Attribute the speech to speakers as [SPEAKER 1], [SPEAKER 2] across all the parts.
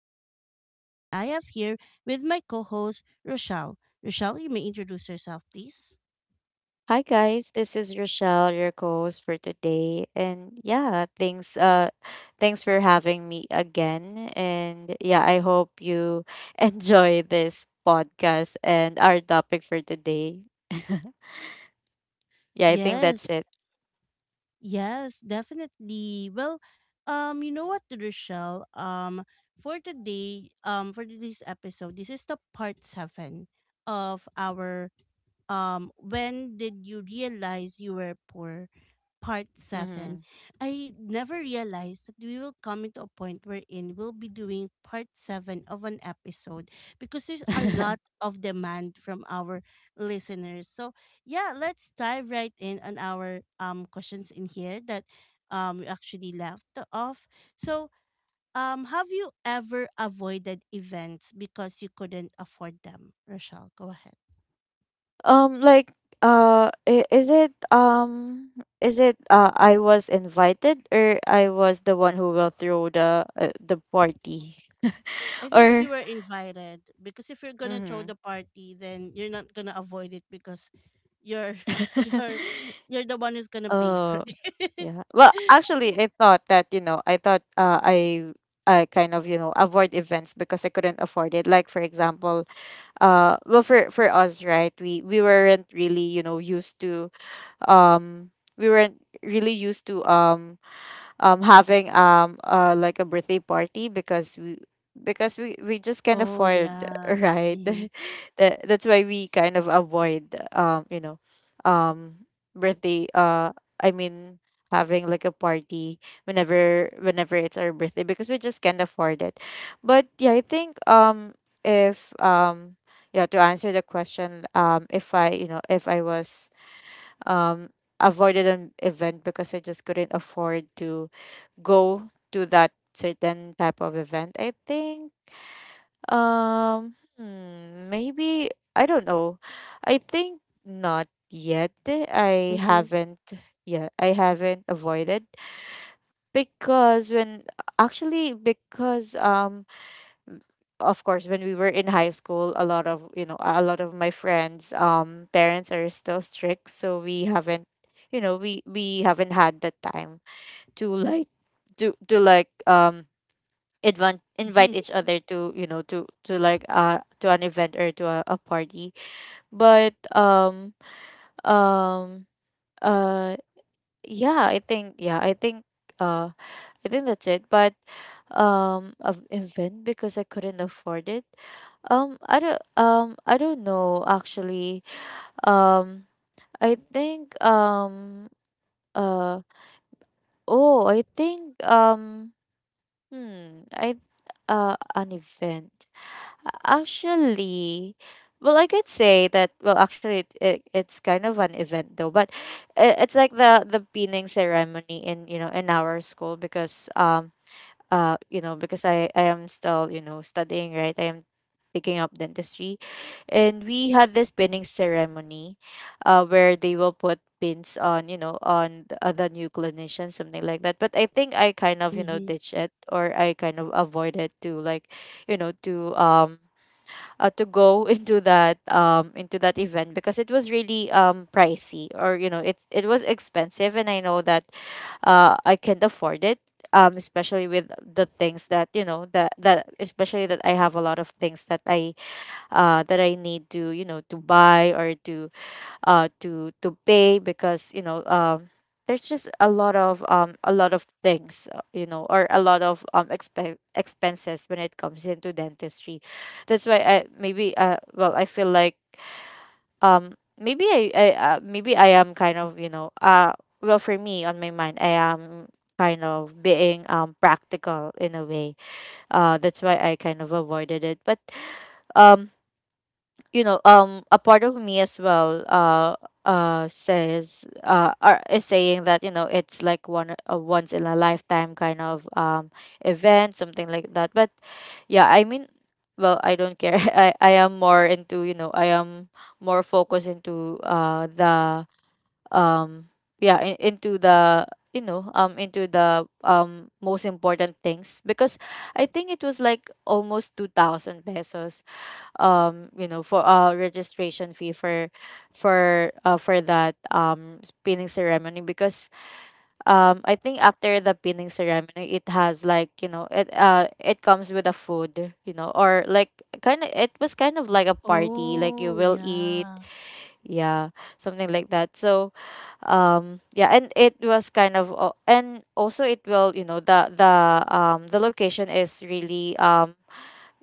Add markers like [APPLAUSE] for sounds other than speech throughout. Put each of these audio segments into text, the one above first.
[SPEAKER 1] your host, Ron, and I have here with my co host, Rochelle. Rochelle, you may introduce yourself, please.
[SPEAKER 2] Hi guys, this is Rochelle, your co-host for today. And yeah, thanks for having me again. And yeah, I hope you [LAUGHS] enjoy this podcast and our topic for today. [LAUGHS] Yeah, I think that's
[SPEAKER 1] Yes,
[SPEAKER 2] it.
[SPEAKER 1] yes, definitely. Well, Rochelle? For today's episode, this is the part seven of our When did you realize you were poor? Part 7,
[SPEAKER 2] Mhm.
[SPEAKER 1] I never realized that we will come into a point wherein we'll be doing part 7 of an episode because there's a lot
[SPEAKER 2] [LAUGHS]
[SPEAKER 1] of demand from our listeners. So, yeah, let's dive right in on our questions in here that we actually left off. So, have you ever avoided events because you couldn't afford them? Rochelle, go ahead.
[SPEAKER 2] um like uh i- is it um is it I was invited, or I was the one who will throw the the party, [LAUGHS]
[SPEAKER 1] I think you
[SPEAKER 2] or
[SPEAKER 1] were invited because if you're gonna throw
[SPEAKER 2] mhm.
[SPEAKER 1] the party, then you're not gonna avoid it because you're [LAUGHS] you're
[SPEAKER 2] [LAUGHS]
[SPEAKER 1] you're the one who's gonna pay for
[SPEAKER 2] Oh,
[SPEAKER 1] it.
[SPEAKER 2] yeah. Well,
[SPEAKER 1] [LAUGHS]
[SPEAKER 2] actually, I thought that, you know, I thought I kind of, you know, avoid events because I couldn't afford it. Like, for example, well, for us, right? We weren't really, you know, used to um we weren't really used to having like a birthday party because we just can't
[SPEAKER 1] Oh
[SPEAKER 2] afford, [LAUGHS]
[SPEAKER 1] yeah.
[SPEAKER 2] right.
[SPEAKER 1] Mm-hmm.
[SPEAKER 2] [LAUGHS] That that's why we kind of avoid, you know, um birthday I mean, having like a party whenever it's our birthday, because we just can't afford it. But yeah, I think, if, yeah, to answer the question, if I, you know, if I was, um avoided an event because I just couldn't afford to go to that certain type of event. I think, um hmm, maybe, I don't know. I think not yet. I
[SPEAKER 1] Mm-hmm.
[SPEAKER 2] haven't, yeah, I haven't avoided, because when, actually, because, of course, when we were in high school, a lot of, you know, a lot of my friends, parents are still strict, so we haven't, you know, we haven't had the time to like, to like, invite each
[SPEAKER 1] [LAUGHS]
[SPEAKER 2] other to, you know, to like to an event or to a party. But um uh yeah, uh I think that's it. But, of event because I couldn't afford it. I don't know, actually. Um I think uh oh I think um hmm I An event. Actually, well, I could say that. Well, actually, it it's kind of an event, though. But it's like the pinning ceremony in, you know, in our school, because, you know, because I am still, you know, studying, right? I am taking up dentistry, and we had this pinning ceremony, where they will put pins on, you know, on the new clinician, something like that. But I think I kind of, you know,
[SPEAKER 1] Mm-hmm.
[SPEAKER 2] ditched it, or I kind of avoided to, like, you know, to go [LAUGHS] into that, into that event, because it was really, pricey, or you know, it was expensive, and I know that I can't afford it. Especially with the things that, you know, that especially that I have a lot of things that I, that I need to, you know, to buy, or to to pay, because, you know, there's just a lot of, a lot of things, you know, or a lot of, expenses when it comes into dentistry. That's why I maybe, well, I feel like, um maybe I maybe I am kind of, you know, well, for me, on my mind, I am kind of being, practical in a way. That's why I kind of avoided it. But, um you know, a part of me as well, says, is saying that, you know, it's like one a once in a lifetime kind of, event, something like that. But yeah, I mean, well, I don't care. [LAUGHS] I am more into, you know, I am more focused into, the, um yeah, into the, you know, into the, most important things. Because I think it was like almost 2,000 pesos, you know, for, registration fee for, for that, pinning ceremony. Because, I think after the pinning ceremony, it has, like, you know, it comes with a food, you know, or like, kind of, it was kind of like a party, like you
[SPEAKER 1] Oh
[SPEAKER 2] will eat,
[SPEAKER 1] yeah.
[SPEAKER 2] yeah, something like that. So, yeah, and it was kind of, and also it will, you know, the location is really,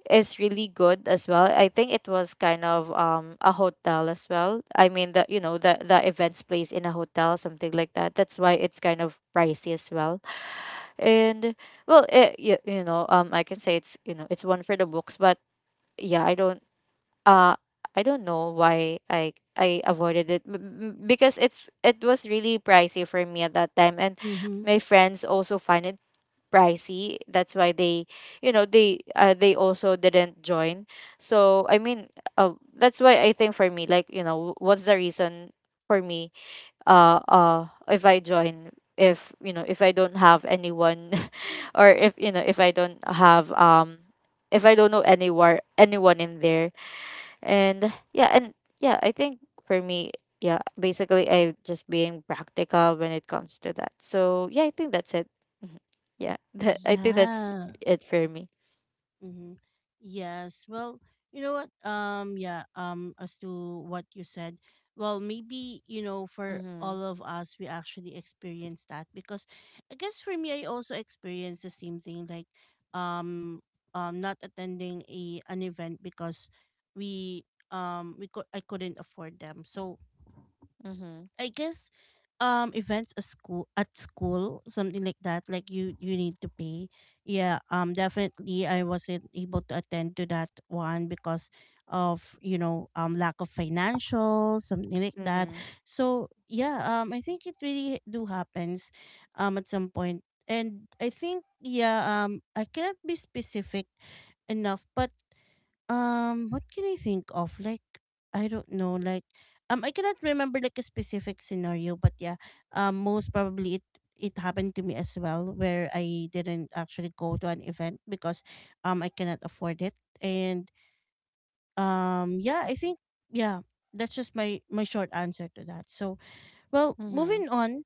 [SPEAKER 2] is really good as well. I think it was kind of, a hotel as well. I mean, the, you know, the events place in a hotel, something like that. That's why it's kind of pricey as well. And well, you know, I can say it's, you know, it's one for the books. But yeah, I don't, uh I don't know why I avoided it, because it was really pricey for me at that time. And
[SPEAKER 1] Mm-hmm.
[SPEAKER 2] my friends also find it pricey, that's why they, you know, they also didn't join. So I mean, that's why I think for me, like, you know, what's the reason for me, if I join, if, you know, if I don't have anyone, [LAUGHS] or if, you know, if I don't have, if I don't know anywhere anyone in there. And yeah, and yeah, I think, for me, yeah, basically I just being practical when it comes to that. So yeah, I think that's it. Mhm. Yeah, [LAUGHS] I think that's
[SPEAKER 1] Yeah.
[SPEAKER 2] it for me.
[SPEAKER 1] Mm-hmm. Yes. Well, you know what? Yeah. As to what you said, well, maybe you know, for
[SPEAKER 2] Mm-hmm.
[SPEAKER 1] all of us, we actually experience that because I guess for me, I also experienced the same thing, like, um, not attending a an event because we we could I couldn't afford them. So
[SPEAKER 2] Mm-hmm.
[SPEAKER 1] I guess events at school something like that, like you need to pay, yeah. Definitely I wasn't able to attend to that one because of you know lack of financial something like that.
[SPEAKER 2] Mm-hmm.
[SPEAKER 1] So yeah, I think it really do happens at some point. And I think yeah, I cannot be specific enough, but what can I think of? Like, I don't know. Like, I cannot remember like a specific scenario, but yeah, most probably it happened to me as well, where I didn't actually go to an event because I cannot afford it, and yeah, I think yeah, that's just my short answer to that. So well,
[SPEAKER 2] Mm-hmm.
[SPEAKER 1] moving on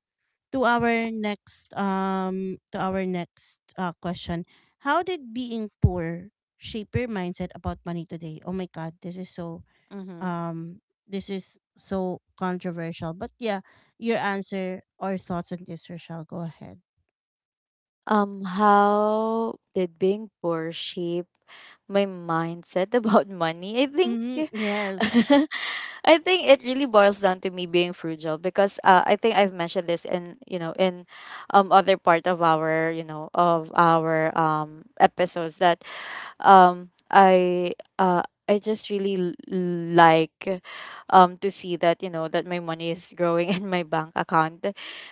[SPEAKER 1] to our next question, how did being poor shape your mindset about money today? Oh my god,
[SPEAKER 2] Mm-hmm.
[SPEAKER 1] um this is so controversial, but yeah, your answer or thoughts on this, Rochelle, go ahead.
[SPEAKER 2] How did being poor shape my mindset about money? I think
[SPEAKER 1] Mm-hmm.
[SPEAKER 2] [LAUGHS]
[SPEAKER 1] Yes.
[SPEAKER 2] I think it really boils down to me being frugal. Because, I think I've mentioned this in, you know, in, other part of our, you know, of our, episodes, that, um I uh I just really like, to see that, you know, that my money is growing [LAUGHS] in my bank account.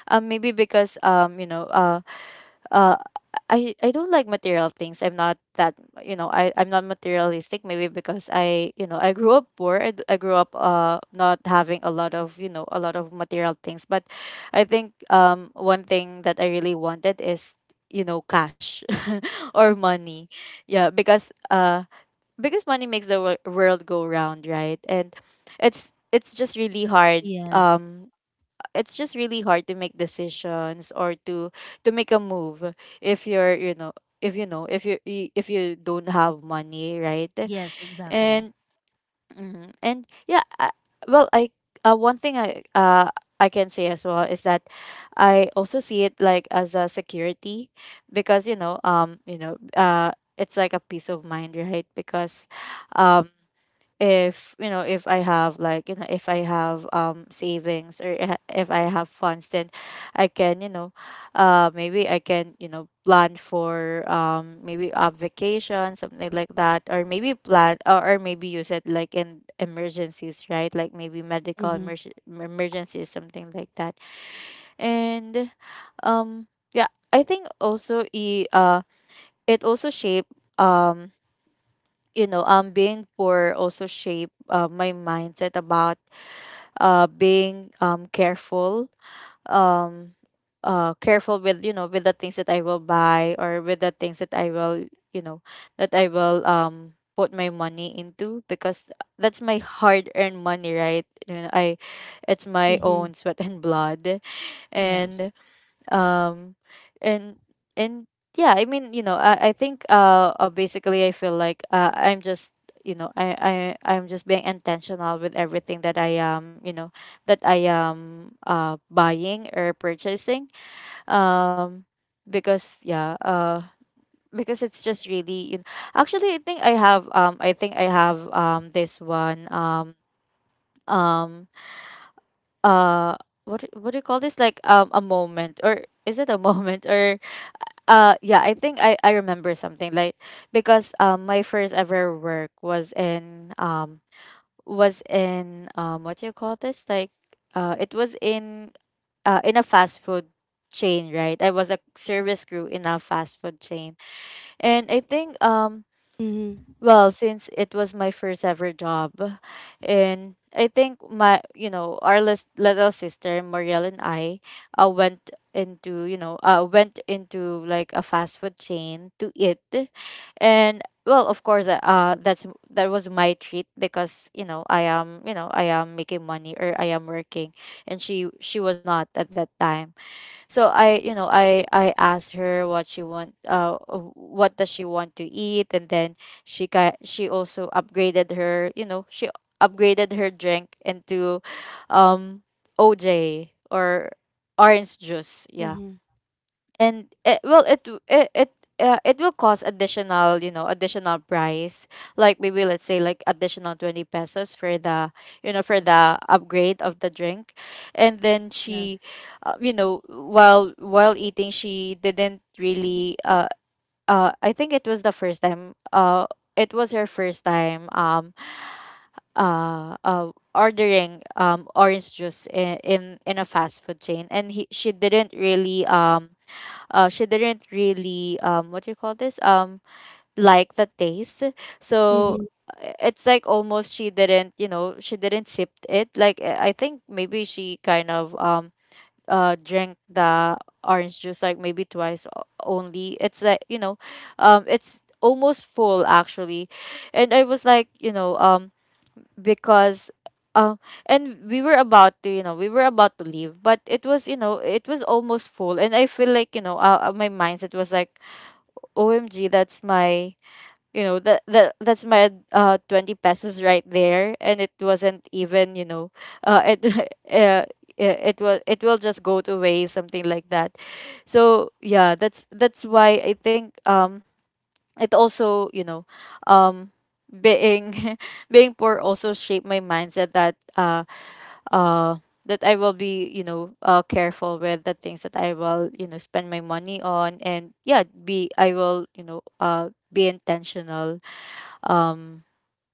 [SPEAKER 2] Maybe because, you know, uh I don't like material things. I'm not that, you know, I'm not materialistic. Maybe because I, you know, I grew up poor. I grew up, not having a lot of, you know, a lot of material things. But I think, one thing that I really wanted is, you know, cash, [LAUGHS] or money. Yeah, because, because money makes the world go round, right? And it's just really hard,
[SPEAKER 1] Yes.
[SPEAKER 2] it's just really hard to make decisions, or to make a move if you're, you know, if you know, if you, if you don't have money, right?
[SPEAKER 1] Yes, exactly.
[SPEAKER 2] And mhm. And yeah, well, I one thing I can say as well is that I also see it like as a security. Because, you know, you know, it's like a peace of mind, right? Because, um if, you know, if I have, like, you know, if I have, savings, or if I have funds, then I can, you know, maybe I can, you know, plan for, maybe a vacation, something like that, or maybe plan, or maybe use it like in emergencies, right? Like maybe medical
[SPEAKER 1] Mm-hmm.
[SPEAKER 2] emergencies, something like that. And, um yeah, I think also, e it also shape, um you know, being poor also shaped, my mindset about, being, careful, um, careful with, you know, with the things that I will buy, or with the things that I will, you know, that I will, put my money into. Because that's my hard earned money, right? I it's my
[SPEAKER 1] Mm-hmm.
[SPEAKER 2] own sweat and blood,
[SPEAKER 1] Yes.
[SPEAKER 2] and um and and I think basically I feel like I'm just I'm just being intentional with everything that I am that I am buying or purchasing, um because because it's just really, you know, actually I think I have I think I have this one. Um uh what what do you call this, like a moment, or is it a [LAUGHS] moment? Or yeah, I think I remember something like, because my first ever work was in was in what do you call this, like, it was in a fast food chain, right? I was a service crew in a fast food chain. And I think,
[SPEAKER 1] Mm-hmm.
[SPEAKER 2] well, since it was my first ever job, And I think my, you know, our little sister Marielle and I went into, you know, went into like a fast food chain to eat, and well of course that was my treat because, you know, I am making money, or I am working, and she was not at that time. So I, you know, I asked her what she want, what does she want to eat, and then she also upgraded her, you know, she upgraded her drink into, um, OJ, or orange juice. Yeah.
[SPEAKER 1] Mm-hmm.
[SPEAKER 2] And it well it it it it will cost additional, you know, additional price, like maybe let's say like additional 20 pesos for the, you know, for the upgrade of the drink. And then she
[SPEAKER 1] Yes.
[SPEAKER 2] you know, while eating, she didn't really I think it was the first time, it was her first time ordering orange juice in, in a fast food chain, and he she didn't really she didn't really, what do you call this, like the taste. So
[SPEAKER 1] Mm-hmm.
[SPEAKER 2] it's like almost she didn't, you know, she didn't sip it, like, I think maybe she kind of drank the orange juice like maybe twice only. It's like, you know, it's almost full actually. And I was like, you know, because uh, and we were about to, you know, we were about to leave, but it was, you know, it was almost full, and I feel like, you know, my mindset was like, OMG, that's my, you know, that that's my 20 pesos right there, and it wasn't even, you know, it [LAUGHS] uh, it will, it will just go to waste, something like that. So yeah, that's why I think, it also, you know, um being [LAUGHS] being poor also shaped my mindset, that uh that I will be, you know, careful with the things that I will, you know, spend my money on. And yeah, be I will, you know, be intentional, um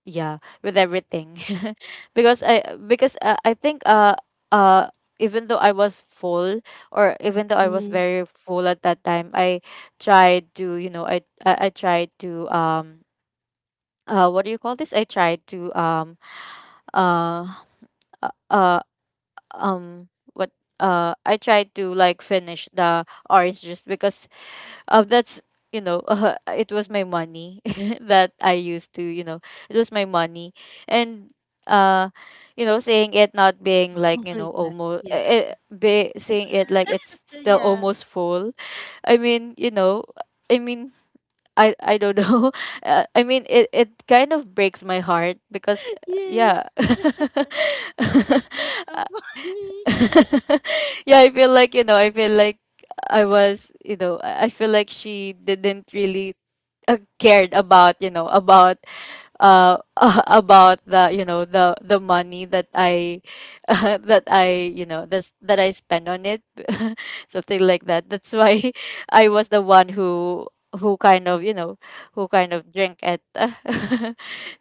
[SPEAKER 2] yeah, with everything. [LAUGHS] because I because I think uh even though I was full, or even though I was
[SPEAKER 1] Mm-hmm.
[SPEAKER 2] very full at that time, I tried to, you know, I tried to what do you call this, I tried to, uh uh uh, what, I tried to like finish the orange juice because that's, you know, [LAUGHS] it was my money [LAUGHS] that I used to, you know, it was my money. And uh, you know, saying it not being
[SPEAKER 1] [LAUGHS]
[SPEAKER 2] like,
[SPEAKER 1] Oh
[SPEAKER 2] you
[SPEAKER 1] my
[SPEAKER 2] know,
[SPEAKER 1] god.
[SPEAKER 2] almost,
[SPEAKER 1] Yeah.
[SPEAKER 2] be saying it like it's
[SPEAKER 1] [LAUGHS]
[SPEAKER 2] still
[SPEAKER 1] Yeah.
[SPEAKER 2] almost full. I mean, you know, I mean, I don't know. [LAUGHS] I mean, it kind of breaks my heart because
[SPEAKER 1] [LAUGHS] Yes.
[SPEAKER 2] yeah.
[SPEAKER 1] That's so
[SPEAKER 2] [LAUGHS] [LAUGHS]
[SPEAKER 1] funny. [LAUGHS]
[SPEAKER 2] [LAUGHS] Yeah, I feel like, you know, I feel like I was, you know, I feel like she didn't really cared about, you know, about uh [LAUGHS] about the, you know, the money that I [LAUGHS] that I, you know, that I spend on it. [LAUGHS] Something like that. That's why [LAUGHS] I was the one who, kind of, you know, who kind of drank at. [LAUGHS]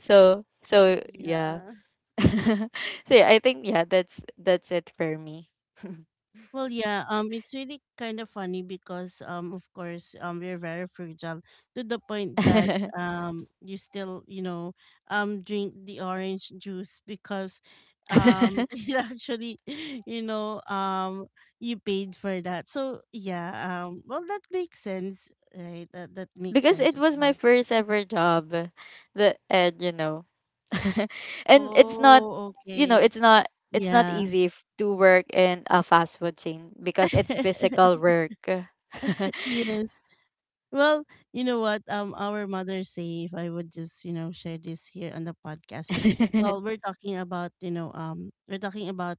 [SPEAKER 2] So so yeah.
[SPEAKER 1] Yeah.
[SPEAKER 2] [LAUGHS] So yeah, I think, yeah, that's it for me.
[SPEAKER 1] Well, yeah, it's really kind of funny because, of course, we're very fragile to the point that,
[SPEAKER 2] [LAUGHS]
[SPEAKER 1] you still, you know, drink the orange juice because, [LAUGHS] it actually, you know, you paid for that. So yeah, well, that makes sense, right? That makes
[SPEAKER 2] Because
[SPEAKER 1] sense
[SPEAKER 2] it
[SPEAKER 1] as
[SPEAKER 2] was my
[SPEAKER 1] well.
[SPEAKER 2] first ever job, the and you know, [LAUGHS] and it's not,
[SPEAKER 1] Oh,
[SPEAKER 2] you know,
[SPEAKER 1] okay,
[SPEAKER 2] it's not, it's not
[SPEAKER 1] yeah,
[SPEAKER 2] easy to work in a fast food chain because it's physical
[SPEAKER 1] [LAUGHS]
[SPEAKER 2] work. [LAUGHS]
[SPEAKER 1] yes. Well, you know what? Our mother say if I would just you know share this here on the podcast. Well, we're talking about you know we're talking about,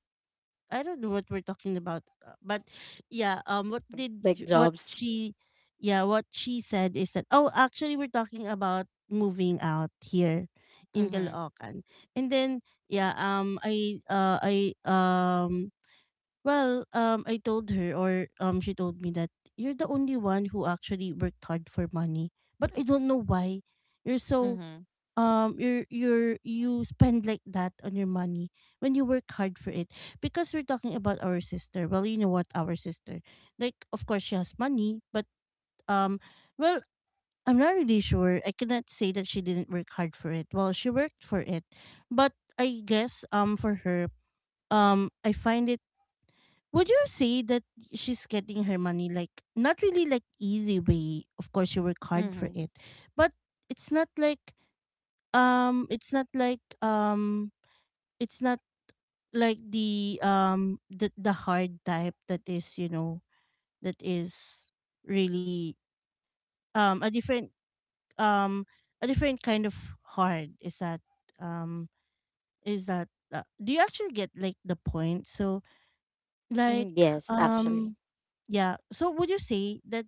[SPEAKER 1] I don't know what we're talking about, but yeah,
[SPEAKER 2] Like
[SPEAKER 1] what
[SPEAKER 2] jobs.
[SPEAKER 1] she, yeah, what she said is that, oh actually we're talking about moving out here in
[SPEAKER 2] Mm-hmm.
[SPEAKER 1] Caloocan, and then yeah, I well, I told her, or she told me that you're the only one who actually worked hard for money. But I don't know why you're so
[SPEAKER 2] Mm-hmm.
[SPEAKER 1] you spend like that on your money when you work hard for it. Because we're talking about our sister. Well, you know what, our sister. Like, of course, she has money, but um, well, I'm not really sure. I cannot say that she didn't work hard for it. Well, she worked for it, but I guess for her, I find it, would you say that she's getting her money like not really like easy way? Of course you work hard for
[SPEAKER 2] Mm-hmm.
[SPEAKER 1] it. But it's not like um it's not like um it's not like the the hard type that is, you know, that is really um a different um a different kind of hard. Um is that do you actually get like the point? So like
[SPEAKER 2] Mm, yes actually.
[SPEAKER 1] um yeah. So would you say that,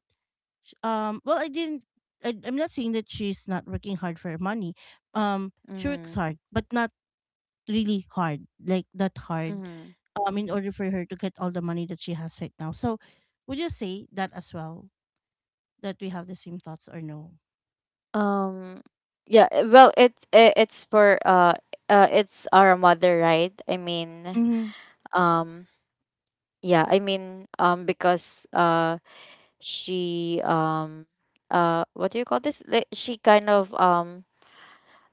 [SPEAKER 1] Well, I didn't. I'm not saying that she's not working hard for her money. She works
[SPEAKER 2] Mm-hmm.
[SPEAKER 1] hard, but not really hard, like that hard.
[SPEAKER 2] Mm-hmm.
[SPEAKER 1] In order for her to get all the money that she has right now. So, would you say that as well? That we have the same thoughts or no?
[SPEAKER 2] um yeah, well it's, it's for it's our mother, right? I mean,
[SPEAKER 1] Mm-hmm.
[SPEAKER 2] um yeah, I mean, because she, what do you call this? Like she kind of, um,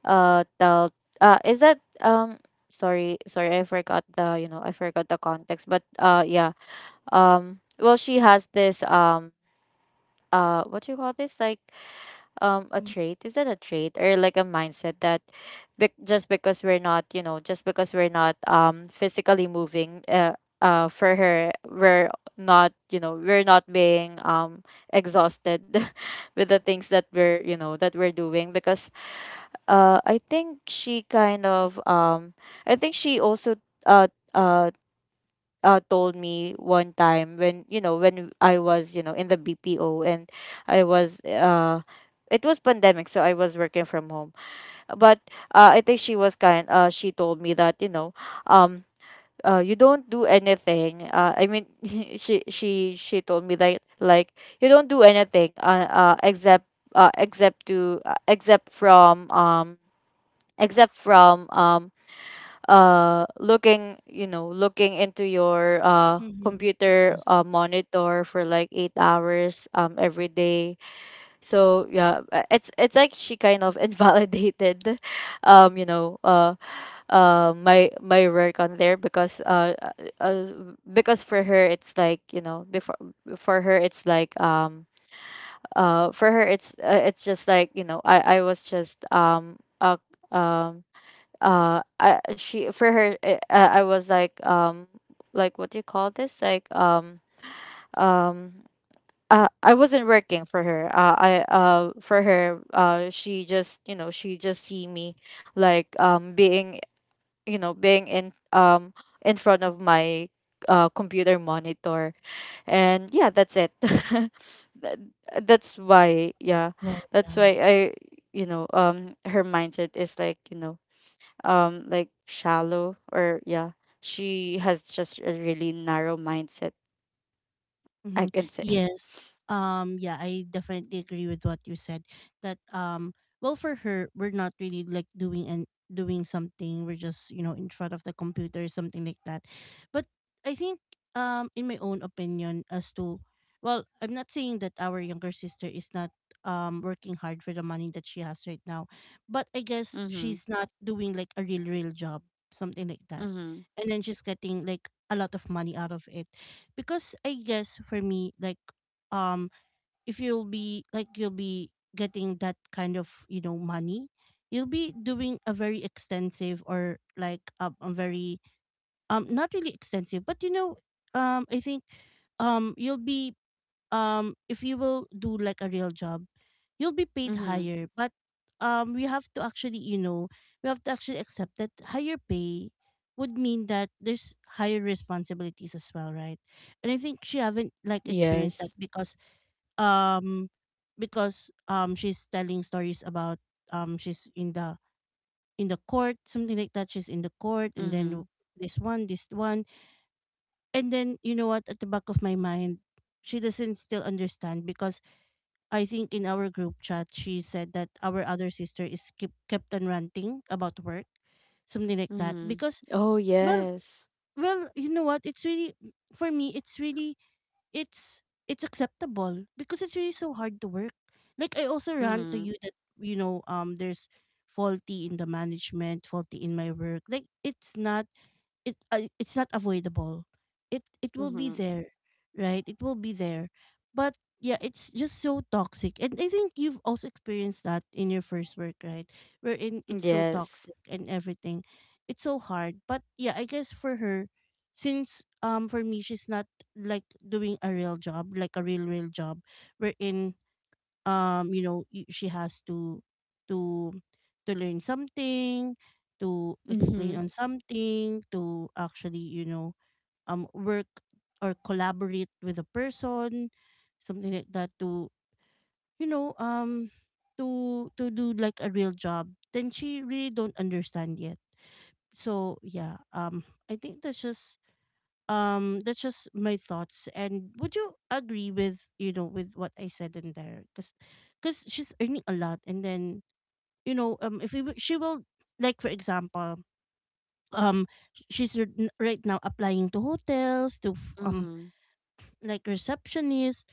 [SPEAKER 2] uh, tell, is that, sorry, sorry, I forgot the, you know, I forgot the context. But yeah, well, she has this, what do you call this? Like a trait, is that a trait, or like a mindset that bec just because we're not, you know, just because we're not physically moving, for her we're not, you know, we're not being exhausted [LAUGHS] with the things that we're, you know, that we're doing. Because I think she kind of, I think she also uh uh told me one time, when, you know, when I was, you know, in the BPO, and I was it was pandemic, so I was working from home. But I think she was kind she told me that, you know, um you don't do anything, I mean [LAUGHS] she told me that, like, you don't do anything except except to, except from except from, looking, you know, looking into your
[SPEAKER 1] Mm-hmm.
[SPEAKER 2] computer
[SPEAKER 1] Yes.
[SPEAKER 2] monitor for like 8 hours every day. So yeah, it's like she kind of [LAUGHS] invalidated, you know, my my work on there, uh, because for her it's like, you know, before, for her it's like, for her it's, it's just like, you know, I was just um I, she for her I was like, like, what do you call this, like, um I wasn't working for her. I For her she just, you know, she just see me like, being, you know, being in front of my computer monitor. And yeah, that's it. [LAUGHS] That- that's why, yeah,
[SPEAKER 1] Well,
[SPEAKER 2] that's
[SPEAKER 1] yeah.
[SPEAKER 2] why I, you know, her mindset is like, you know, like shallow, or, yeah, she has just a really narrow mindset,
[SPEAKER 1] Mm-hmm.
[SPEAKER 2] I can say.
[SPEAKER 1] Yes. Yeah, I definitely agree with what you said that well for her we're not really like doing and doing something, we're just you know in front of the computer something like that. But I think in my own opinion as to, well I'm not saying that our younger sister is not working hard for the money that she has right now, but I
[SPEAKER 2] [LAUGHS]
[SPEAKER 1] guess
[SPEAKER 2] Mhm.
[SPEAKER 1] she's not doing like a real job something like that.
[SPEAKER 2] Mhm.
[SPEAKER 1] And then she's getting like a lot of money out of it because I guess for me, like, um, if you'll be like you'll be getting that kind of you know money, you'll be doing a very extensive or like a very not really extensive, but you know, I think you'll be if you will do like a real job, you'll be paid
[SPEAKER 2] Mhm.
[SPEAKER 1] higher, but we have to actually you know we have to actually accept that higher pay would mean that there's higher responsibilities as well, right? And I think she haven't like experienced that
[SPEAKER 2] Yes.
[SPEAKER 1] because um she's telling stories about she's in the court something like that, she's in the court, and then
[SPEAKER 2] Mhm.
[SPEAKER 1] this one, and then you know what, at the back of my mind she doesn't still understand because I think in our group chat, she said that our other sister is kept on ranting about work, something like that.
[SPEAKER 2] Mhm.
[SPEAKER 1] Because
[SPEAKER 2] Oh
[SPEAKER 1] well,
[SPEAKER 2] yes.
[SPEAKER 1] well, you know what? It's really, for me, it's really, it's it's acceptable because it's really so hard to work. Like I also rant to you
[SPEAKER 2] Mhm.
[SPEAKER 1] that you know there's faulty in the management, faulty in my work. Like it's not it's not avoidable, it will be
[SPEAKER 2] Mhm.
[SPEAKER 1] there, right? It will be there, but yeah, it's just so toxic, and I think you've also experienced that in your first work, right? Wherein it's so
[SPEAKER 2] Yes.
[SPEAKER 1] toxic and everything, it's so hard. But yeah, I guess for her, since for me, she's not like doing a real job, like a real real job, wherein you know she has to to to learn something, to explain
[SPEAKER 2] Mm-hmm.
[SPEAKER 1] on something, to actually you know work or collaborate with a person something like that, to you know to do like a real job, then she really don't understand yet. So yeah, I think that's just my thoughts, and would you agree with you know with what I said in there? Because she's earning a lot, and then you know if we, wi- she will, like for example, um she's right now applying to hotels to
[SPEAKER 2] Mm-hmm.
[SPEAKER 1] like receptionists.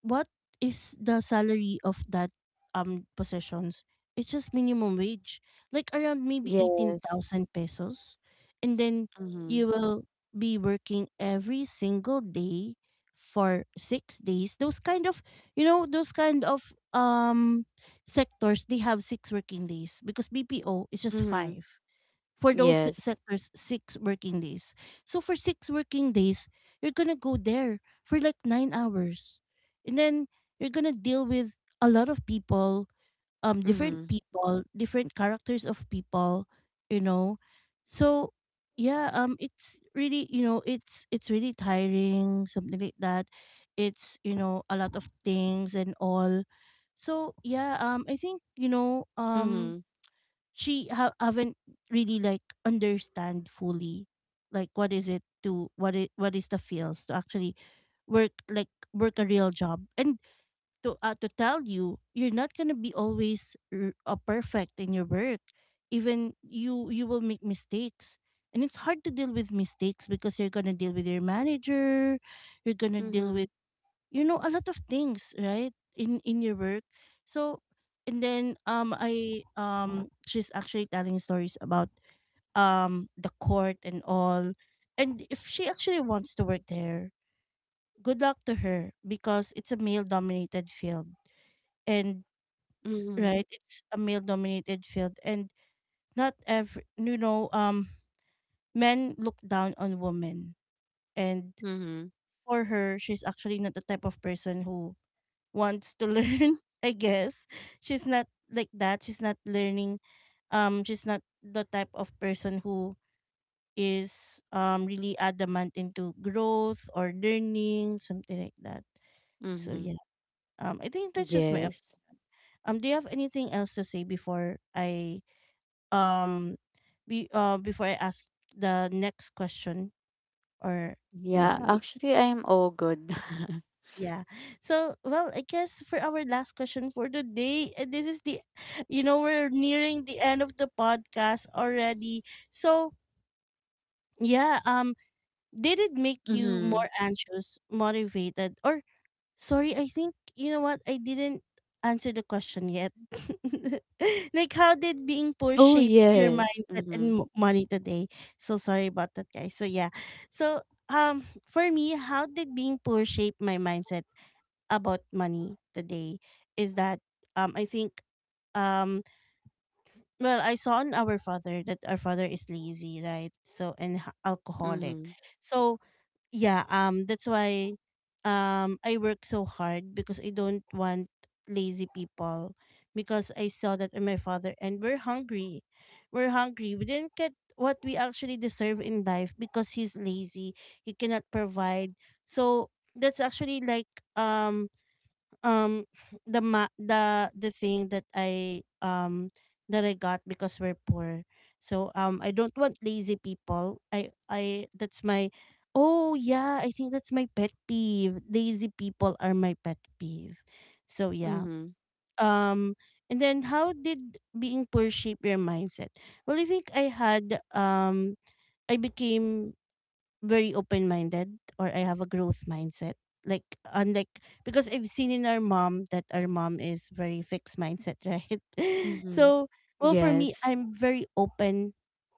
[SPEAKER 1] What is the salary of that positions? It's just minimum wage, like around maybe eighteen
[SPEAKER 2] Yes.
[SPEAKER 1] thousand pesos, and then
[SPEAKER 2] Mm-hmm.
[SPEAKER 1] you will be working every single day for six days. Those kind of you know those kind of sectors, they have six working days because BPO is just
[SPEAKER 2] Mm-hmm. Mm-hmm.
[SPEAKER 1] five. For those
[SPEAKER 2] Yes.
[SPEAKER 1] sectors, six working days. So for six working days, you're gonna go there for like nine hours, and then you're gonna deal with a lot of people, different
[SPEAKER 2] Mm-hmm.
[SPEAKER 1] people, different characters of people, you know. So yeah, it's really you know it's really tiring, something like that. It's you know a lot of things and all. So yeah, I think
[SPEAKER 2] Mm-hmm.
[SPEAKER 1] she haven't really like understand fully like what is it to what is the feels to actually work like work a real job, and to tell you you're not gonna be always perfect in your work, even you will make mistakes. And it's hard to deal with mistakes because you're gonna deal with your manager, you're gonna deal
[SPEAKER 2] Mm-hmm.
[SPEAKER 1] with, you know, a lot of things, right, in your work. So, and then I she's actually telling stories about the court and all. And if she actually wants to work there, good luck to her, because it's a male dominated field. And
[SPEAKER 2] Mm-hmm.
[SPEAKER 1] right, it's a male dominated field, and not every men look down on women. And
[SPEAKER 2] Mm-hmm.
[SPEAKER 1] for her, she's actually not the type of person who wants to learn, [LAUGHS] I guess. She's not like that, she's not learning. She's not the type of person who is really adamant into growth or learning, something like that. So
[SPEAKER 2] Mm-hmm.
[SPEAKER 1] yeah, I think that's just my
[SPEAKER 2] Yes.
[SPEAKER 1] do you have anything else to say before I um be before I ask the next question, or
[SPEAKER 2] Yeah,
[SPEAKER 1] none?
[SPEAKER 2] actually I am all good. [LAUGHS]
[SPEAKER 1] Yeah. So, well, I guess for our last question for today, this is the, you know, we're nearing the end of the podcast already. So, yeah, did it make you
[SPEAKER 2] Mm-hmm.
[SPEAKER 1] more anxious, motivated, or sorry, I think, you know what, I didn't answer the question yet. [LAUGHS] Like, how did being poor
[SPEAKER 2] Oh,
[SPEAKER 1] shape your
[SPEAKER 2] yes.
[SPEAKER 1] mindset
[SPEAKER 2] Mhm.
[SPEAKER 1] and money today? So, sorry about that, guys. So, yeah. So, for me, how did being poor shape my mindset about money today is that I think um well, I saw on our father that our father is lazy, right? So, and alcoholic.
[SPEAKER 2] Mhm.
[SPEAKER 1] So yeah, that's why I work so hard, because I don't want lazy people, because I saw that in my father and we're hungry. We're hungry. We didn't get what we actually deserve in life because he's lazy. He cannot provide. So that's actually like um um [SNIFFS] the thing that I got because we're poor. So I don't want lazy people. I, that's my, oh yeah, I think that's my pet peeve. Lazy people are my pet peeve. So yeah.
[SPEAKER 2] Mhm.
[SPEAKER 1] Um, and then how did being poor shape your mindset? Well, I think I had I became very open minded, or I have a growth mindset. Like, unlike, because I've seen in our mom that our mom is very fixed mindset, [LAUGHS] right?
[SPEAKER 2] Mhm.
[SPEAKER 1] So, well, for me,
[SPEAKER 2] Yes.
[SPEAKER 1] I'm very open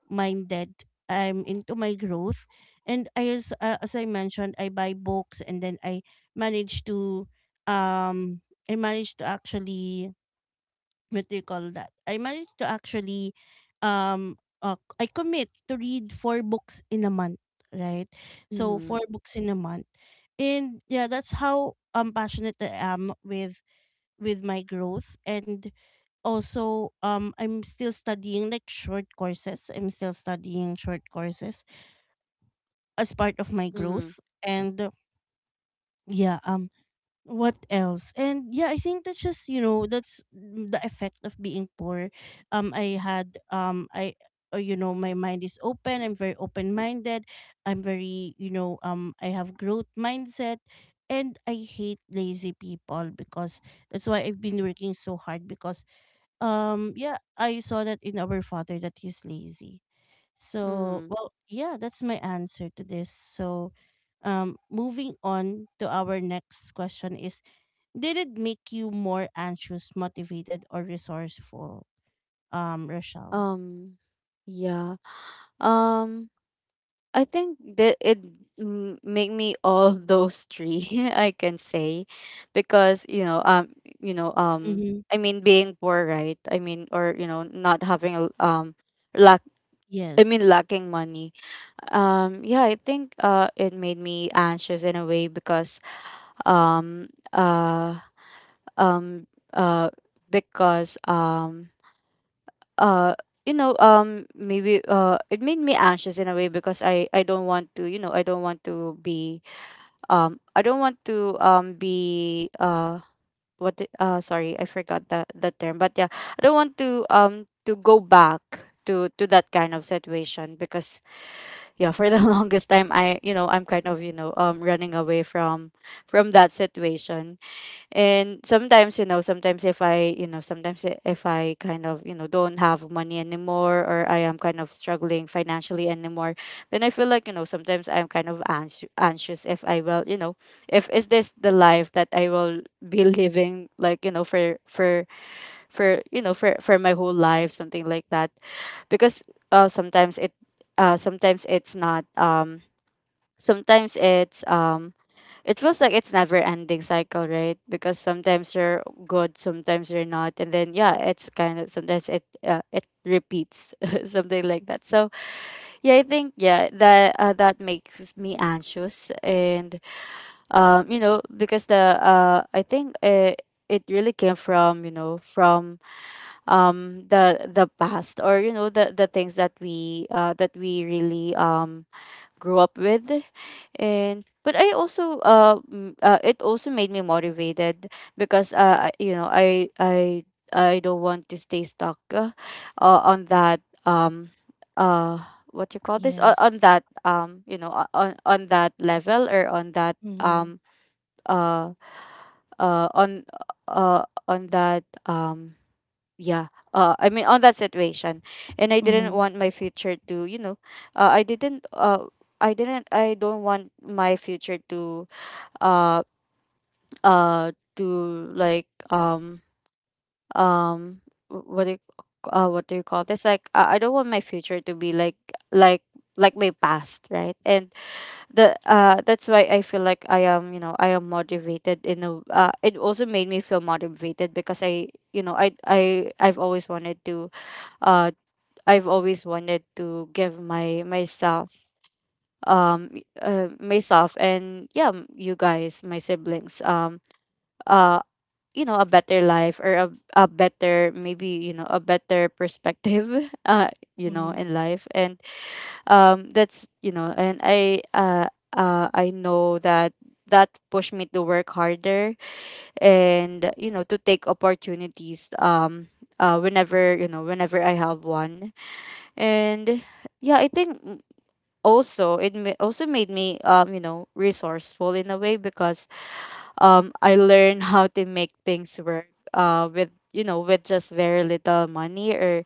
[SPEAKER 1] minded. I'm into my growth, and I, as I mentioned, I buy books and then I manage to um I managed to actually, what do you call that? I managed to actually um I commit to read four books in a month, right? So
[SPEAKER 2] Mhm.
[SPEAKER 1] four books in a month. And yeah, that's how passionate I am with my growth. And also I'm still studying like short courses. I'm still studying short courses as part of my
[SPEAKER 2] Mhm.
[SPEAKER 1] growth. And yeah, what else, and yeah, I think that's just, you know, that's the effect of being poor. I had I You know, my mind is open, I'm very open minded. I'm very, you know, I have growth mindset. And I hate lazy people, because that's why I've been working so hard, because yeah, I saw that in our father that he's lazy. So,
[SPEAKER 2] Mhm.
[SPEAKER 1] well, yeah, that's my answer to this. So moving on to our next question is, did it make you more anxious, motivated, or resourceful, Rochelle?
[SPEAKER 2] Um, yeah. Um, I think that it make me all those three, [LAUGHS] I can say, because, you know, you know, um,
[SPEAKER 1] Mm-hmm.
[SPEAKER 2] I mean, being poor, right? I mean, or, you know, not having lack. I mean,
[SPEAKER 1] Yes.
[SPEAKER 2] lacking money. Yeah, I think it made me anxious in a way, because um, uh, um, uh, because um, uh, you know, maybe it made me anxious in a way because I don't want to, you know, I don't want to be, I don't want to be sorry, I forgot that the term. But yeah, I don't want to go back to that kind of situation, because yeah, for the [LAUGHS] longest time I, you know, I'm kind of, you know, running away from that situation. And sometimes, you know, sometimes if I, you know, sometimes if I kind of, you know, don't have money anymore, or I am kind of struggling financially anymore, then I feel like, you know, sometimes I'm kind of anxious, if I will, you know, if is this the life that I will be [LAUGHS] living, like, you know, for, you know, for my whole life, something like that. Because uh sometimes it sometimes it's not, sometimes it's, it feels like it's never ending cycle, right? Because sometimes you're good, sometimes you're not, and then yeah, it's kind of, sometimes it, it repeats [LAUGHS] something like that. So yeah, I think, yeah, that, that makes me anxious. And you know, because the I think it really came from, you know, from, the past, or, you know, the things that we, that we really, grew up with. And but I also, it also made me motivated because you know, I don't want to stay stuck, on that, uh what you call this, on
[SPEAKER 1] Yes.
[SPEAKER 2] that, you know, on that level, or on that,
[SPEAKER 1] Mm-hmm.
[SPEAKER 2] uh uh on on that, yeah, I mean, on that situation. And I didn't
[SPEAKER 1] Mm-hmm.
[SPEAKER 2] want my future to, you know, uh, i didn't uh I don't want my future uh to like, um what do you call this, like, I don't want my future to be like, like like my past, right? And the that's why I feel like I am, you know, I am motivated in a, it also made me feel motivated because I, you know, I've always wanted to, uh I've always wanted to give my myself, myself, and yeah, you guys, my siblings, uh you know, a better life, a better, maybe, you know, a better perspective [LAUGHS] you know,
[SPEAKER 1] Mm-hmm.
[SPEAKER 2] in life. And that's, you know, and I know that that pushed me to work harder. And you know, to Take opportunities whenever whenever I have one. And yeah, I think also also made me resourceful in a way because I learned how to make things work with with just very little money or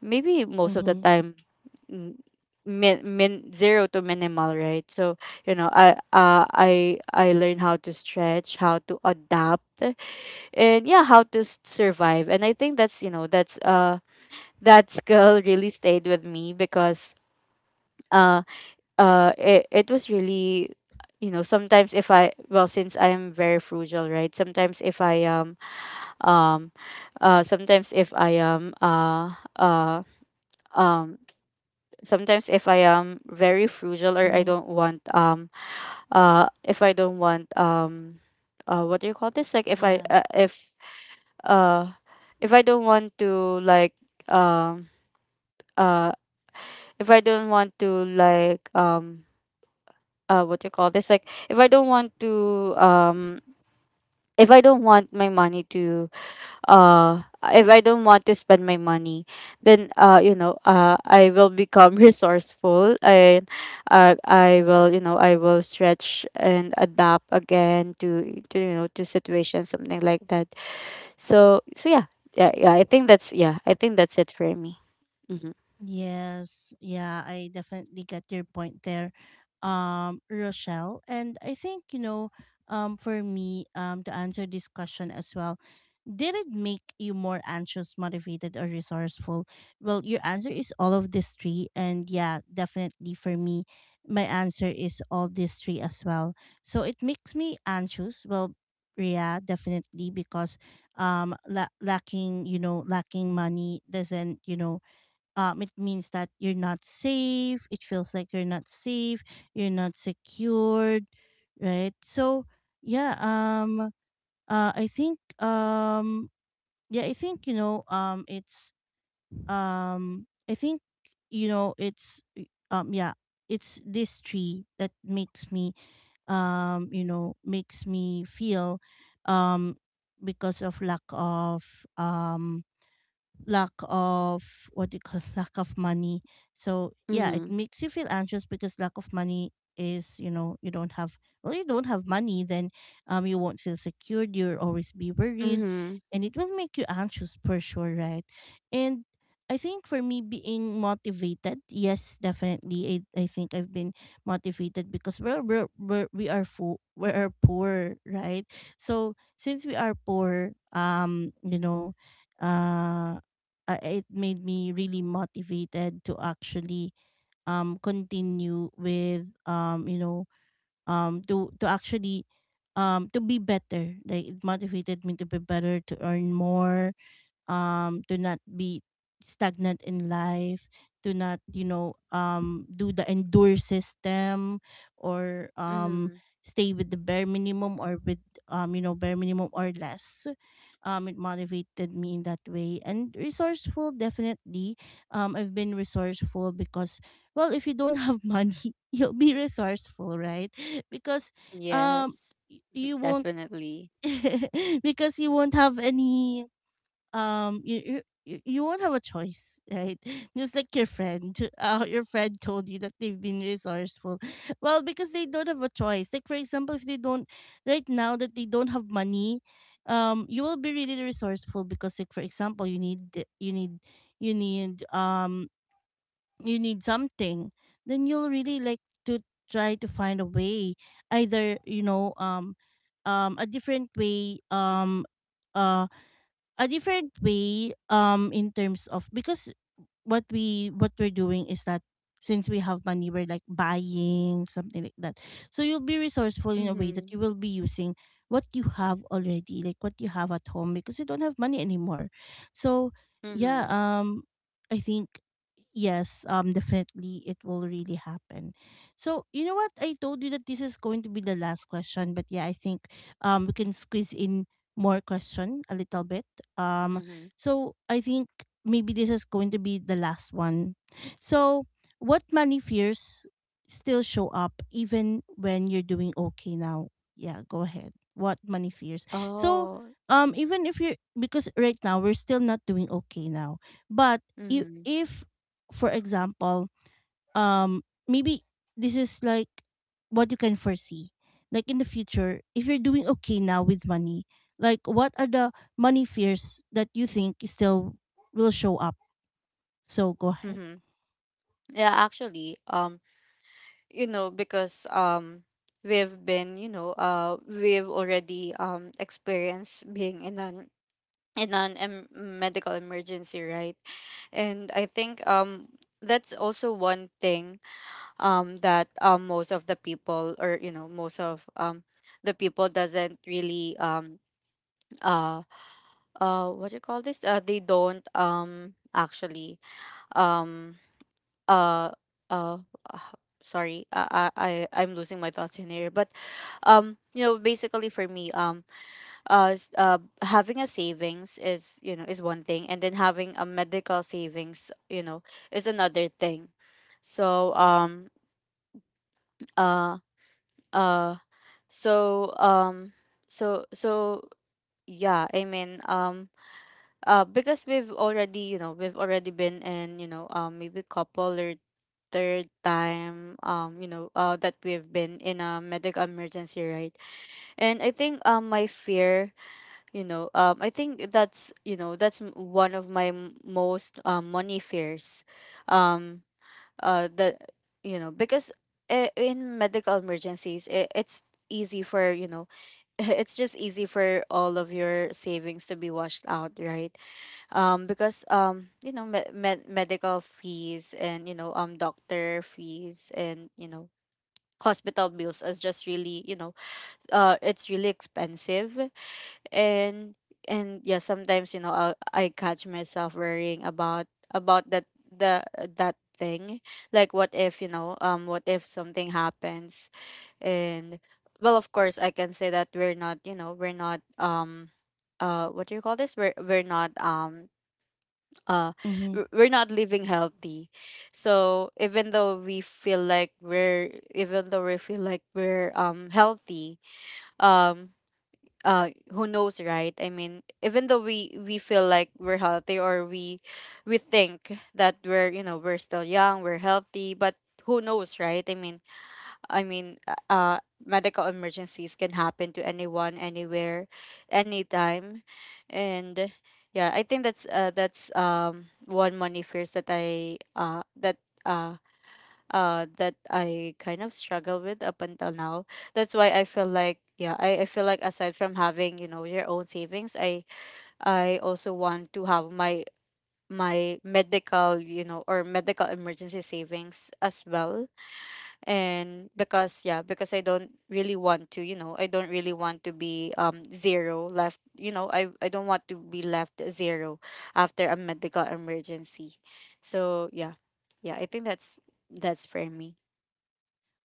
[SPEAKER 2] maybe most of the
[SPEAKER 1] Mm-hmm.
[SPEAKER 2] time. mm, min zero to minimal, right? So I learned how to stretch, how to adapt, and yeah, how to survive. And I think that's you know that's that skill really stayed with me because uh. It, it was really, you know, sometimes if I, well, since I am very frugal, right, um sometimes if I am um sometimes if I am very frugal or I
[SPEAKER 1] Mm-hmm.
[SPEAKER 2] don't want, if I don't want, what do you call this, like
[SPEAKER 1] Yeah.
[SPEAKER 2] uh if I don't want to, like, um uh if I don't want to, like, what do you call this, like, if I don't want to, if I don't want my money to, uh if I don't want to spend my money, then I will become [LAUGHS] resourceful. And I will, I will stretch and adapt again to to situations, something like that. So yeah. Yeah yeah i think that's yeah I think that's it for me. Mm-hmm.
[SPEAKER 1] Yes, yeah, I definitely get your point there, Rochelle. And I think, you know, for me, to answer this question as well, did it make you more anxious, motivated, or resourceful? Well, your answer is all of these three. And yeah, definitely for me, my answer is all these three as well. So it makes me anxious. Well, yeah, definitely, because lacking, you know, lacking money doesn't, you know, it means that you're not safe. It feels like you're not safe. You're not secured, right? So yeah, I think yeah, I think, you know, it's I think, you know, it's yeah, it's this tree that makes me, you know, makes me feel, um, because of lack of lack of, what do you call [LAUGHS] lack of money. So yeah, it
[SPEAKER 2] Mm-hmm.
[SPEAKER 1] makes you feel anxious because lack of money is, you know, you don't have, well, you don't have money, then you won't feel secured, you'll always be worried,
[SPEAKER 2] Mm-hmm,
[SPEAKER 1] and it will make you anxious for sure, right? And I think for me, being motivated, yes, definitely I think I've been motivated because we're we are poor, right? So since we are poor, you know, uh it made me really motivated to actually continue with you know, to actually to be better, like it motivated me to be better, to earn more, do not be stagnant in life, do not, you know, do the endure system, or
[SPEAKER 2] mm-hmm.
[SPEAKER 1] stay with the bare minimum, or with you know, bare minimum or less. It motivated me in that way. And resourceful, definitely, I've been resourceful, because, well, if you don't have [LAUGHS] money, you'll be resourceful, right? Because um
[SPEAKER 2] Yes.
[SPEAKER 1] you
[SPEAKER 2] [LAUGHS]
[SPEAKER 1] won't
[SPEAKER 2] Definitely.
[SPEAKER 1] [LAUGHS] because you won't have any you won't have a choice, right? [LAUGHS] Just like your friend, [LAUGHS] your friend told you that they've been resourceful. [LAUGHS] Well, because they don't have a choice. Like for example, if they don't, right now, that they don't have money, you will be really resourceful, because, like for example, you need you need, you need you need something, then you'll really like to try to find a way, either, you know, a different way, uh a different way in terms of, because what we, what we're doing is that since we have money, we're like buying something like that. So you'll be resourceful in a way that
[SPEAKER 2] Mm-hmm.
[SPEAKER 1] you will be using what you have already, like what you have at home, because you don't have money anymore. So yeah,
[SPEAKER 2] Mm-hmm.
[SPEAKER 1] I think, yes, definitely it will really happen. So you know what, I told you that this is going to be the last question, but yeah, I think we can squeeze in more question a little bit. um
[SPEAKER 2] Mhm.
[SPEAKER 1] so I think maybe this is going to be the last one. So what money fears still show up even when you're doing okay now? Yeah, go ahead. What money fears? So
[SPEAKER 2] Oh.
[SPEAKER 1] even if you, because right now we're still not doing okay now. But
[SPEAKER 2] Mhm.
[SPEAKER 1] if for example, um maybe this is like what you can foresee, like in the future, if you're doing okay now with money, like, what are the money fears that you think still will show up? So go ahead.
[SPEAKER 2] Mhm. Yeah, actually, you know, because we've been, you know, we've already experienced being in an medical emergency, right? And I think that's also one thing that most of the people, or you know, most of the people doesn't really uh what do you call this? They don't actually um uh uh uh, sorry, I I'm losing my thoughts in here, but you know, basically for me, having a savings is, you know, is one thing, and then having a medical savings, you know, is another thing. So um uh uh so um so so yeah, I mean, because we've already been in, you know, maybe couple or third time, that we've been in a medical emergency, right? And I think my fear, I think that's, that's one of my most money fears, um that, you know, because in medical emergencies, it, it's easy for, you know, [LAUGHS] it's just easy for all of your savings to be washed out, right? Because, medical fees, and you know, doctor fees, and you know, hospital bills is just really, you know, it's really expensive. and and yeah, sometimes, you know, I catch myself worrying about that, the that thing, like, what if, what if something happens. And, well, of course I can say that we're not, you know, we're not, what do you call this, we're not, uh
[SPEAKER 1] Mm-hmm.
[SPEAKER 2] we're not living healthy. So even though we feel like we're even though we feel like we're healthy, um who knows, right? I mean, even though we feel like we're healthy, or we think that we're, you know, we're still young, we're healthy, but who knows, right? I mean, I mean, medical emergencies can happen to anyone, anywhere, anytime. And yeah, I think that's one money fears that I that uh that I kind of struggle with up until now. That's why I feel like yeah, I feel like aside from having, you know, your own savings, I also want to have my medical, you know, or medical emergency savings as well. And because yeah, because I don't really want to, you know, I don't really want to be zero left, you know, I don't want to be left zero after a medical emergency. So yeah. Yeah, I think that's for me.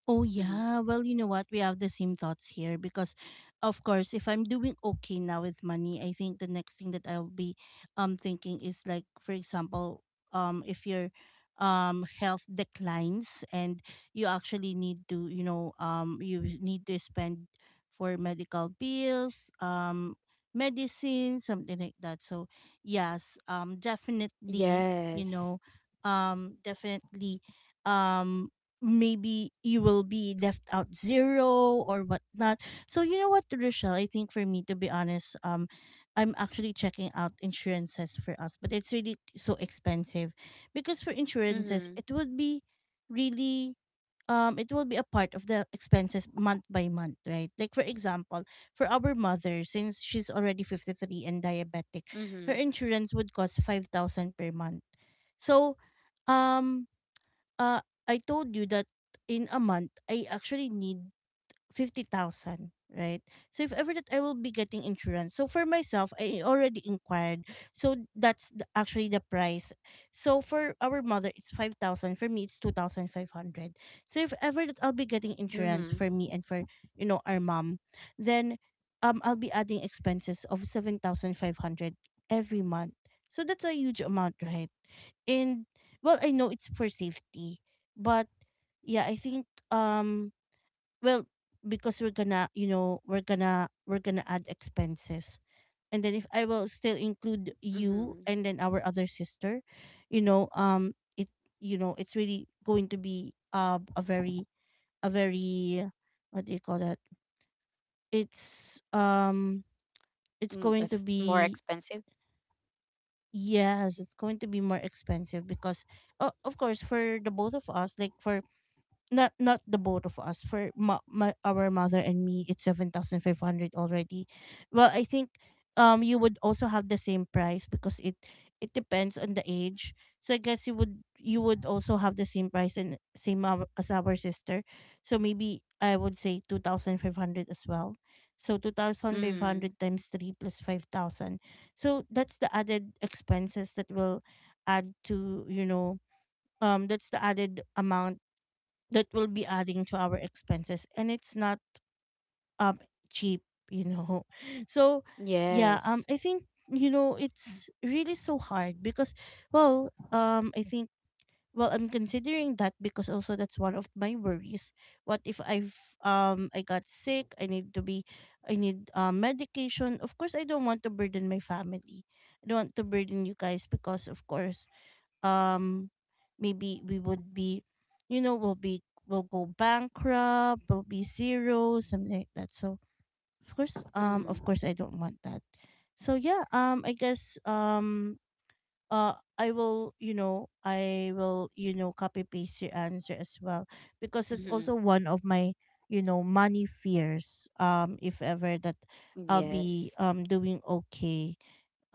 [SPEAKER 1] Oh
[SPEAKER 2] Mm-hmm.
[SPEAKER 1] yeah, well, you know what? We have the same thoughts here, because of course, if I'm doing okay now with money, I think the next thing that I'll be thinking is, like for example, um, if your health declines and you actually need to, you know, um, you need to spend for medical bills, um, medicine, something like that. So yes, um, definitely, you
[SPEAKER 2] Yes.
[SPEAKER 1] know, um, definitely um maybe you will be left out zero or whatnot. So you know what, Rochelle, I think for me, to be honest, I'm actually checking out insurances for us, but it's really so expensive, because for insurances
[SPEAKER 2] Mm-hmm.
[SPEAKER 1] it would be really it will be a part of the expenses month by month, right? Like for example, for our mother, since she's already 53 and diabetic, her
[SPEAKER 2] Mm-hmm.
[SPEAKER 1] insurance would cost 5,000 per month. So um uh, I told you that in a month, I actually need 50,000, right? So if ever that I will be getting insurance. So for myself, I already inquired. So that's the, actually, the price. So for our mother, it's 5,000. For me, it's 2,500. So if ever that I'll be getting insurance
[SPEAKER 2] Mm-hmm.
[SPEAKER 1] for me and for, you know, our mom, then I'll be adding expenses of 7,500 every month. So that's a huge amount, right? And, well, I know it's for safety, but yeah, I think, um well, because we're gonna, we're gonna add expenses. And then if I will still include you,
[SPEAKER 2] Mm-hmm.
[SPEAKER 1] and then our other sister, you know it you know it's really going to be a very, a very what do you call that? It's um it's
[SPEAKER 2] Mm,
[SPEAKER 1] going to
[SPEAKER 2] if more
[SPEAKER 1] be—
[SPEAKER 2] expensive.
[SPEAKER 1] yes, it's going to be more expensive, because of course, for the both of us, like, for— not the both of us, for my— our mother and me, it's 7,500 already. Well, I think you would also have the same price, because it depends on the age. So I guess you would, also have the same price, and same as our sister. So maybe I would say 2,500 as well. So
[SPEAKER 2] Mm.
[SPEAKER 1] 2,500 times 3 plus 5,000. So that's the added expenses that will add to, that's the added amount that will be adding to our expenses, and it's not um cheap you know [LAUGHS] so yeah,
[SPEAKER 2] Yes.
[SPEAKER 1] I think, it's really so hard, because, well, I think, well, I'm considering that, because also, that's one of my worries. What if I got sick, I need medication. Of course I don't want to burden my family, I don't want to burden you guys, because of course, um maybe we would be, you know we'll be we'll go bankrupt, we'll be zero, something like that. So, of course,
[SPEAKER 2] Mm-hmm.
[SPEAKER 1] I don't want that. So yeah, I guess, I will, copy paste your answer as well, because it's
[SPEAKER 2] Mm-hmm.
[SPEAKER 1] also one of my, money fears, if ever that I'll be
[SPEAKER 2] Yes.
[SPEAKER 1] doing okay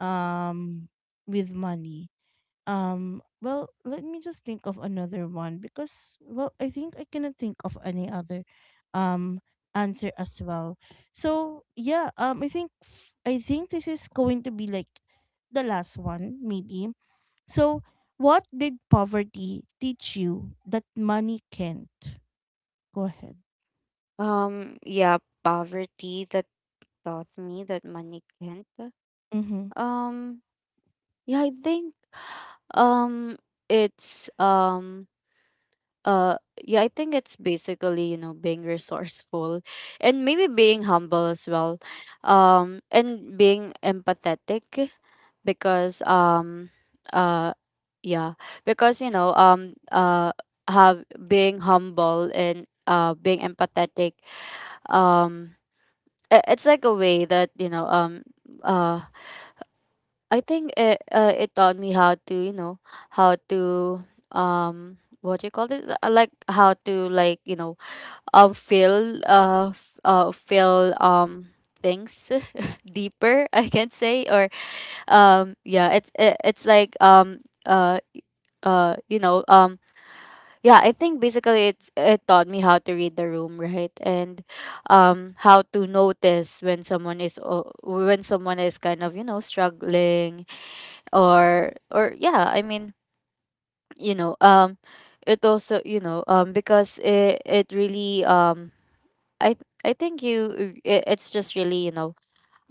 [SPEAKER 1] um with money. Well, let me just think of another one, because, well, I think I cannot think of any other um answer as well. So, yeah, I think I think this is going to be, like, the last one, maybe. So, what did poverty teach you that money can't? Go ahead.
[SPEAKER 2] Yeah, poverty. That taught me that money can't. Um, yeah, I think, um, it's uh, yeah, I think it's basically, you know, being resourceful, and maybe being humble as well, and being empathetic. Because uh, yeah, because, you know, have being humble and being empathetic, um, it's like a way that, uh I think it taught me how to, you know, how to what do you call it? Like, how to, like, you know, feel, feel things [LAUGHS] deeper, I can say. Or yeah, it's like uh you know um yeah, I think basically it taught me how to read the room, right? And how to notice when someone is when someone is kind of, you know, struggling. Or yeah, I mean, you know, it also, because it really I think it's just really, you know,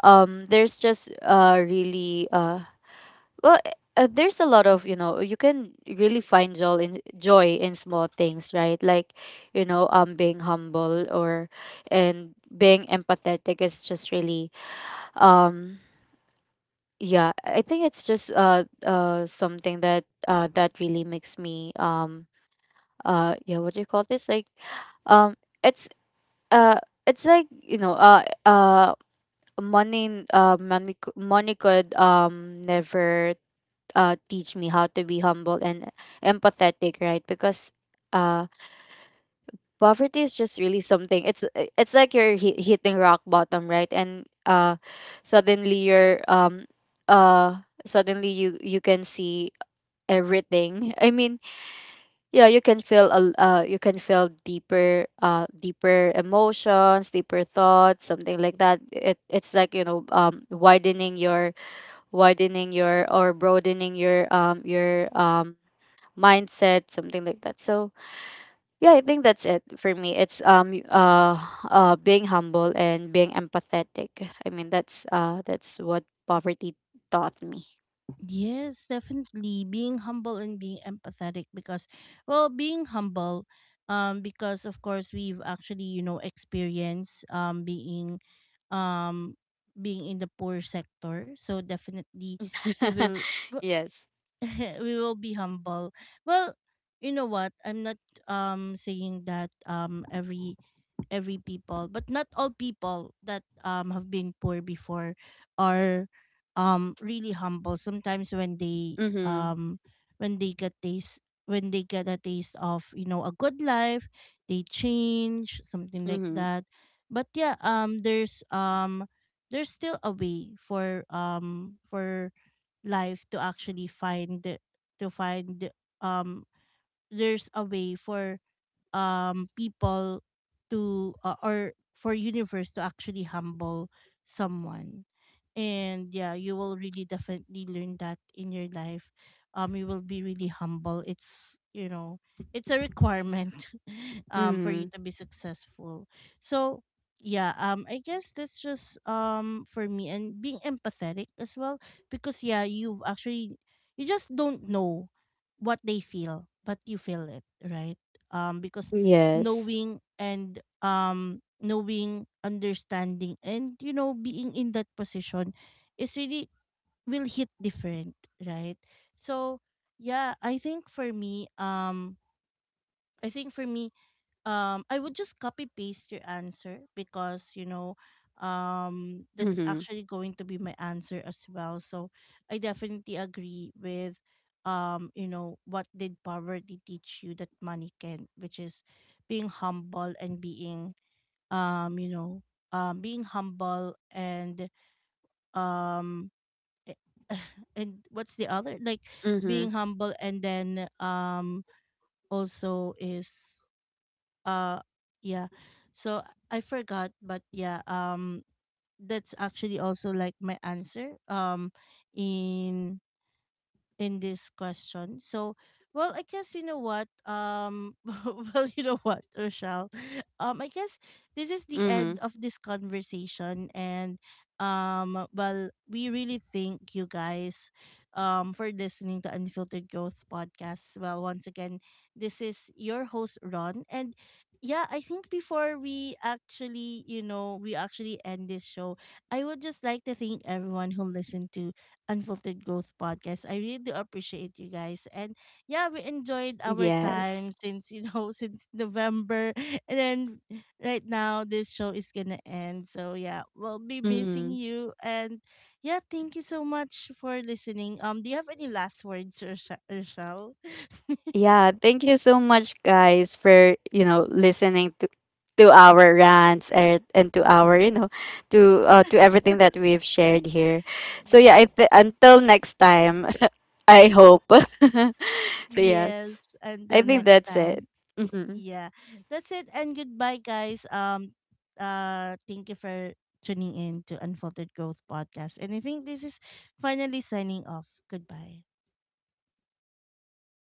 [SPEAKER 2] there's just really well, there's a lot of, you know, you can really find joy in small things, right? Like, you know, being humble, or, and being empathetic is just really um yeah, I think it's just something that that really makes me yeah, what do you call this, like um it's uh it's like, you know, money, money, money could never teach me how to be humble and empathetic, right? Because uh poverty is just really something. It's like you're hitting rock bottom, right? And suddenly you're suddenly you can see everything. I mean, yeah, you can feel you can feel deeper deeper emotions, deeper thoughts, something like that. It it's like, you know, widening your or broadening your mindset, something like that. So, yeah, I think that's it for me. It's being humble and being empathetic. I mean, that's what poverty taught me.
[SPEAKER 1] Yes, definitely. Being humble and being empathetic, because, well, being humble, because of course we've actually, experienced um being in the poor sector, so definitely we will
[SPEAKER 2] [LAUGHS]
[SPEAKER 1] w-
[SPEAKER 2] Yes.
[SPEAKER 1] [LAUGHS] we will be humble. Well, you know what? I'm not saying that every people, but not all people that have been poor before are really humble. Sometimes
[SPEAKER 2] Mhm.
[SPEAKER 1] when they get taste when they get a taste of, a good life, they change, something like
[SPEAKER 2] Mhm.
[SPEAKER 1] that. But yeah, there's still a way for, for life to actually find— to find um there's a way for people to, or for universe to actually humble someone. And yeah, you will really definitely learn that in your life. You will be really humble. It's, it's a requirement, [LAUGHS] for you
[SPEAKER 2] Mhm.
[SPEAKER 1] to be successful. So yeah, I guess that's just, for me, and being empathetic as well, because yeah, you've actually— you just don't know what they feel, but you feel it, right? Because
[SPEAKER 2] Yes.
[SPEAKER 1] knowing, and knowing, understanding, and, being in that position is really— will hit different, right? So yeah, I think for me, i think for me I would just copy paste your answer, because, you know, that's
[SPEAKER 2] Mhm.
[SPEAKER 1] actually going to be my answer as well. So I definitely agree with, you know, what did poverty teach you that money can, which is being humble and being, um you know being humble, and um eh, [LAUGHS] and what's the other, like,
[SPEAKER 2] Mhm.
[SPEAKER 1] being humble and then, also is, uh yeah. So I forgot, but yeah, that's actually also like my answer, in in this question. So, well, I guess you know what. [LAUGHS] Well, you know what, Rochelle. I guess this is the
[SPEAKER 2] Mhm.
[SPEAKER 1] end of this conversation, and, well, we really thank you guys, for listening to Unfiltered Growth Podcast. Well, once again, this is your host, Ron, and yeah, I think before we actually, we actually end this show, I would just like to thank everyone who listened to Unfiltered Growth Podcast. I really do appreciate you guys. And yeah, we enjoyed our
[SPEAKER 2] Yes.
[SPEAKER 1] time since, [LAUGHS] since November. And then right now, this show is going to end. So yeah, we'll be missing
[SPEAKER 2] Mhm.
[SPEAKER 1] you. And yeah, thank you so much for listening. Do you have any last words, Urshel?
[SPEAKER 2] Yeah, thank you so much guys for, you know, listening to our rants, and to our, you know, to everything that we've shared here. So yeah,
[SPEAKER 1] Yes.
[SPEAKER 2] until next time, [LAUGHS] I hope. [LAUGHS] So yeah,
[SPEAKER 1] Yes.
[SPEAKER 2] I
[SPEAKER 1] Until
[SPEAKER 2] think
[SPEAKER 1] next
[SPEAKER 2] that's it.
[SPEAKER 1] time.
[SPEAKER 2] Mhm.
[SPEAKER 1] Yeah. That's it, and goodbye, guys. Thank you for tuning in to Unfolded Growth Podcast. And I think this is finally signing off. Goodbye.
[SPEAKER 2] Bye.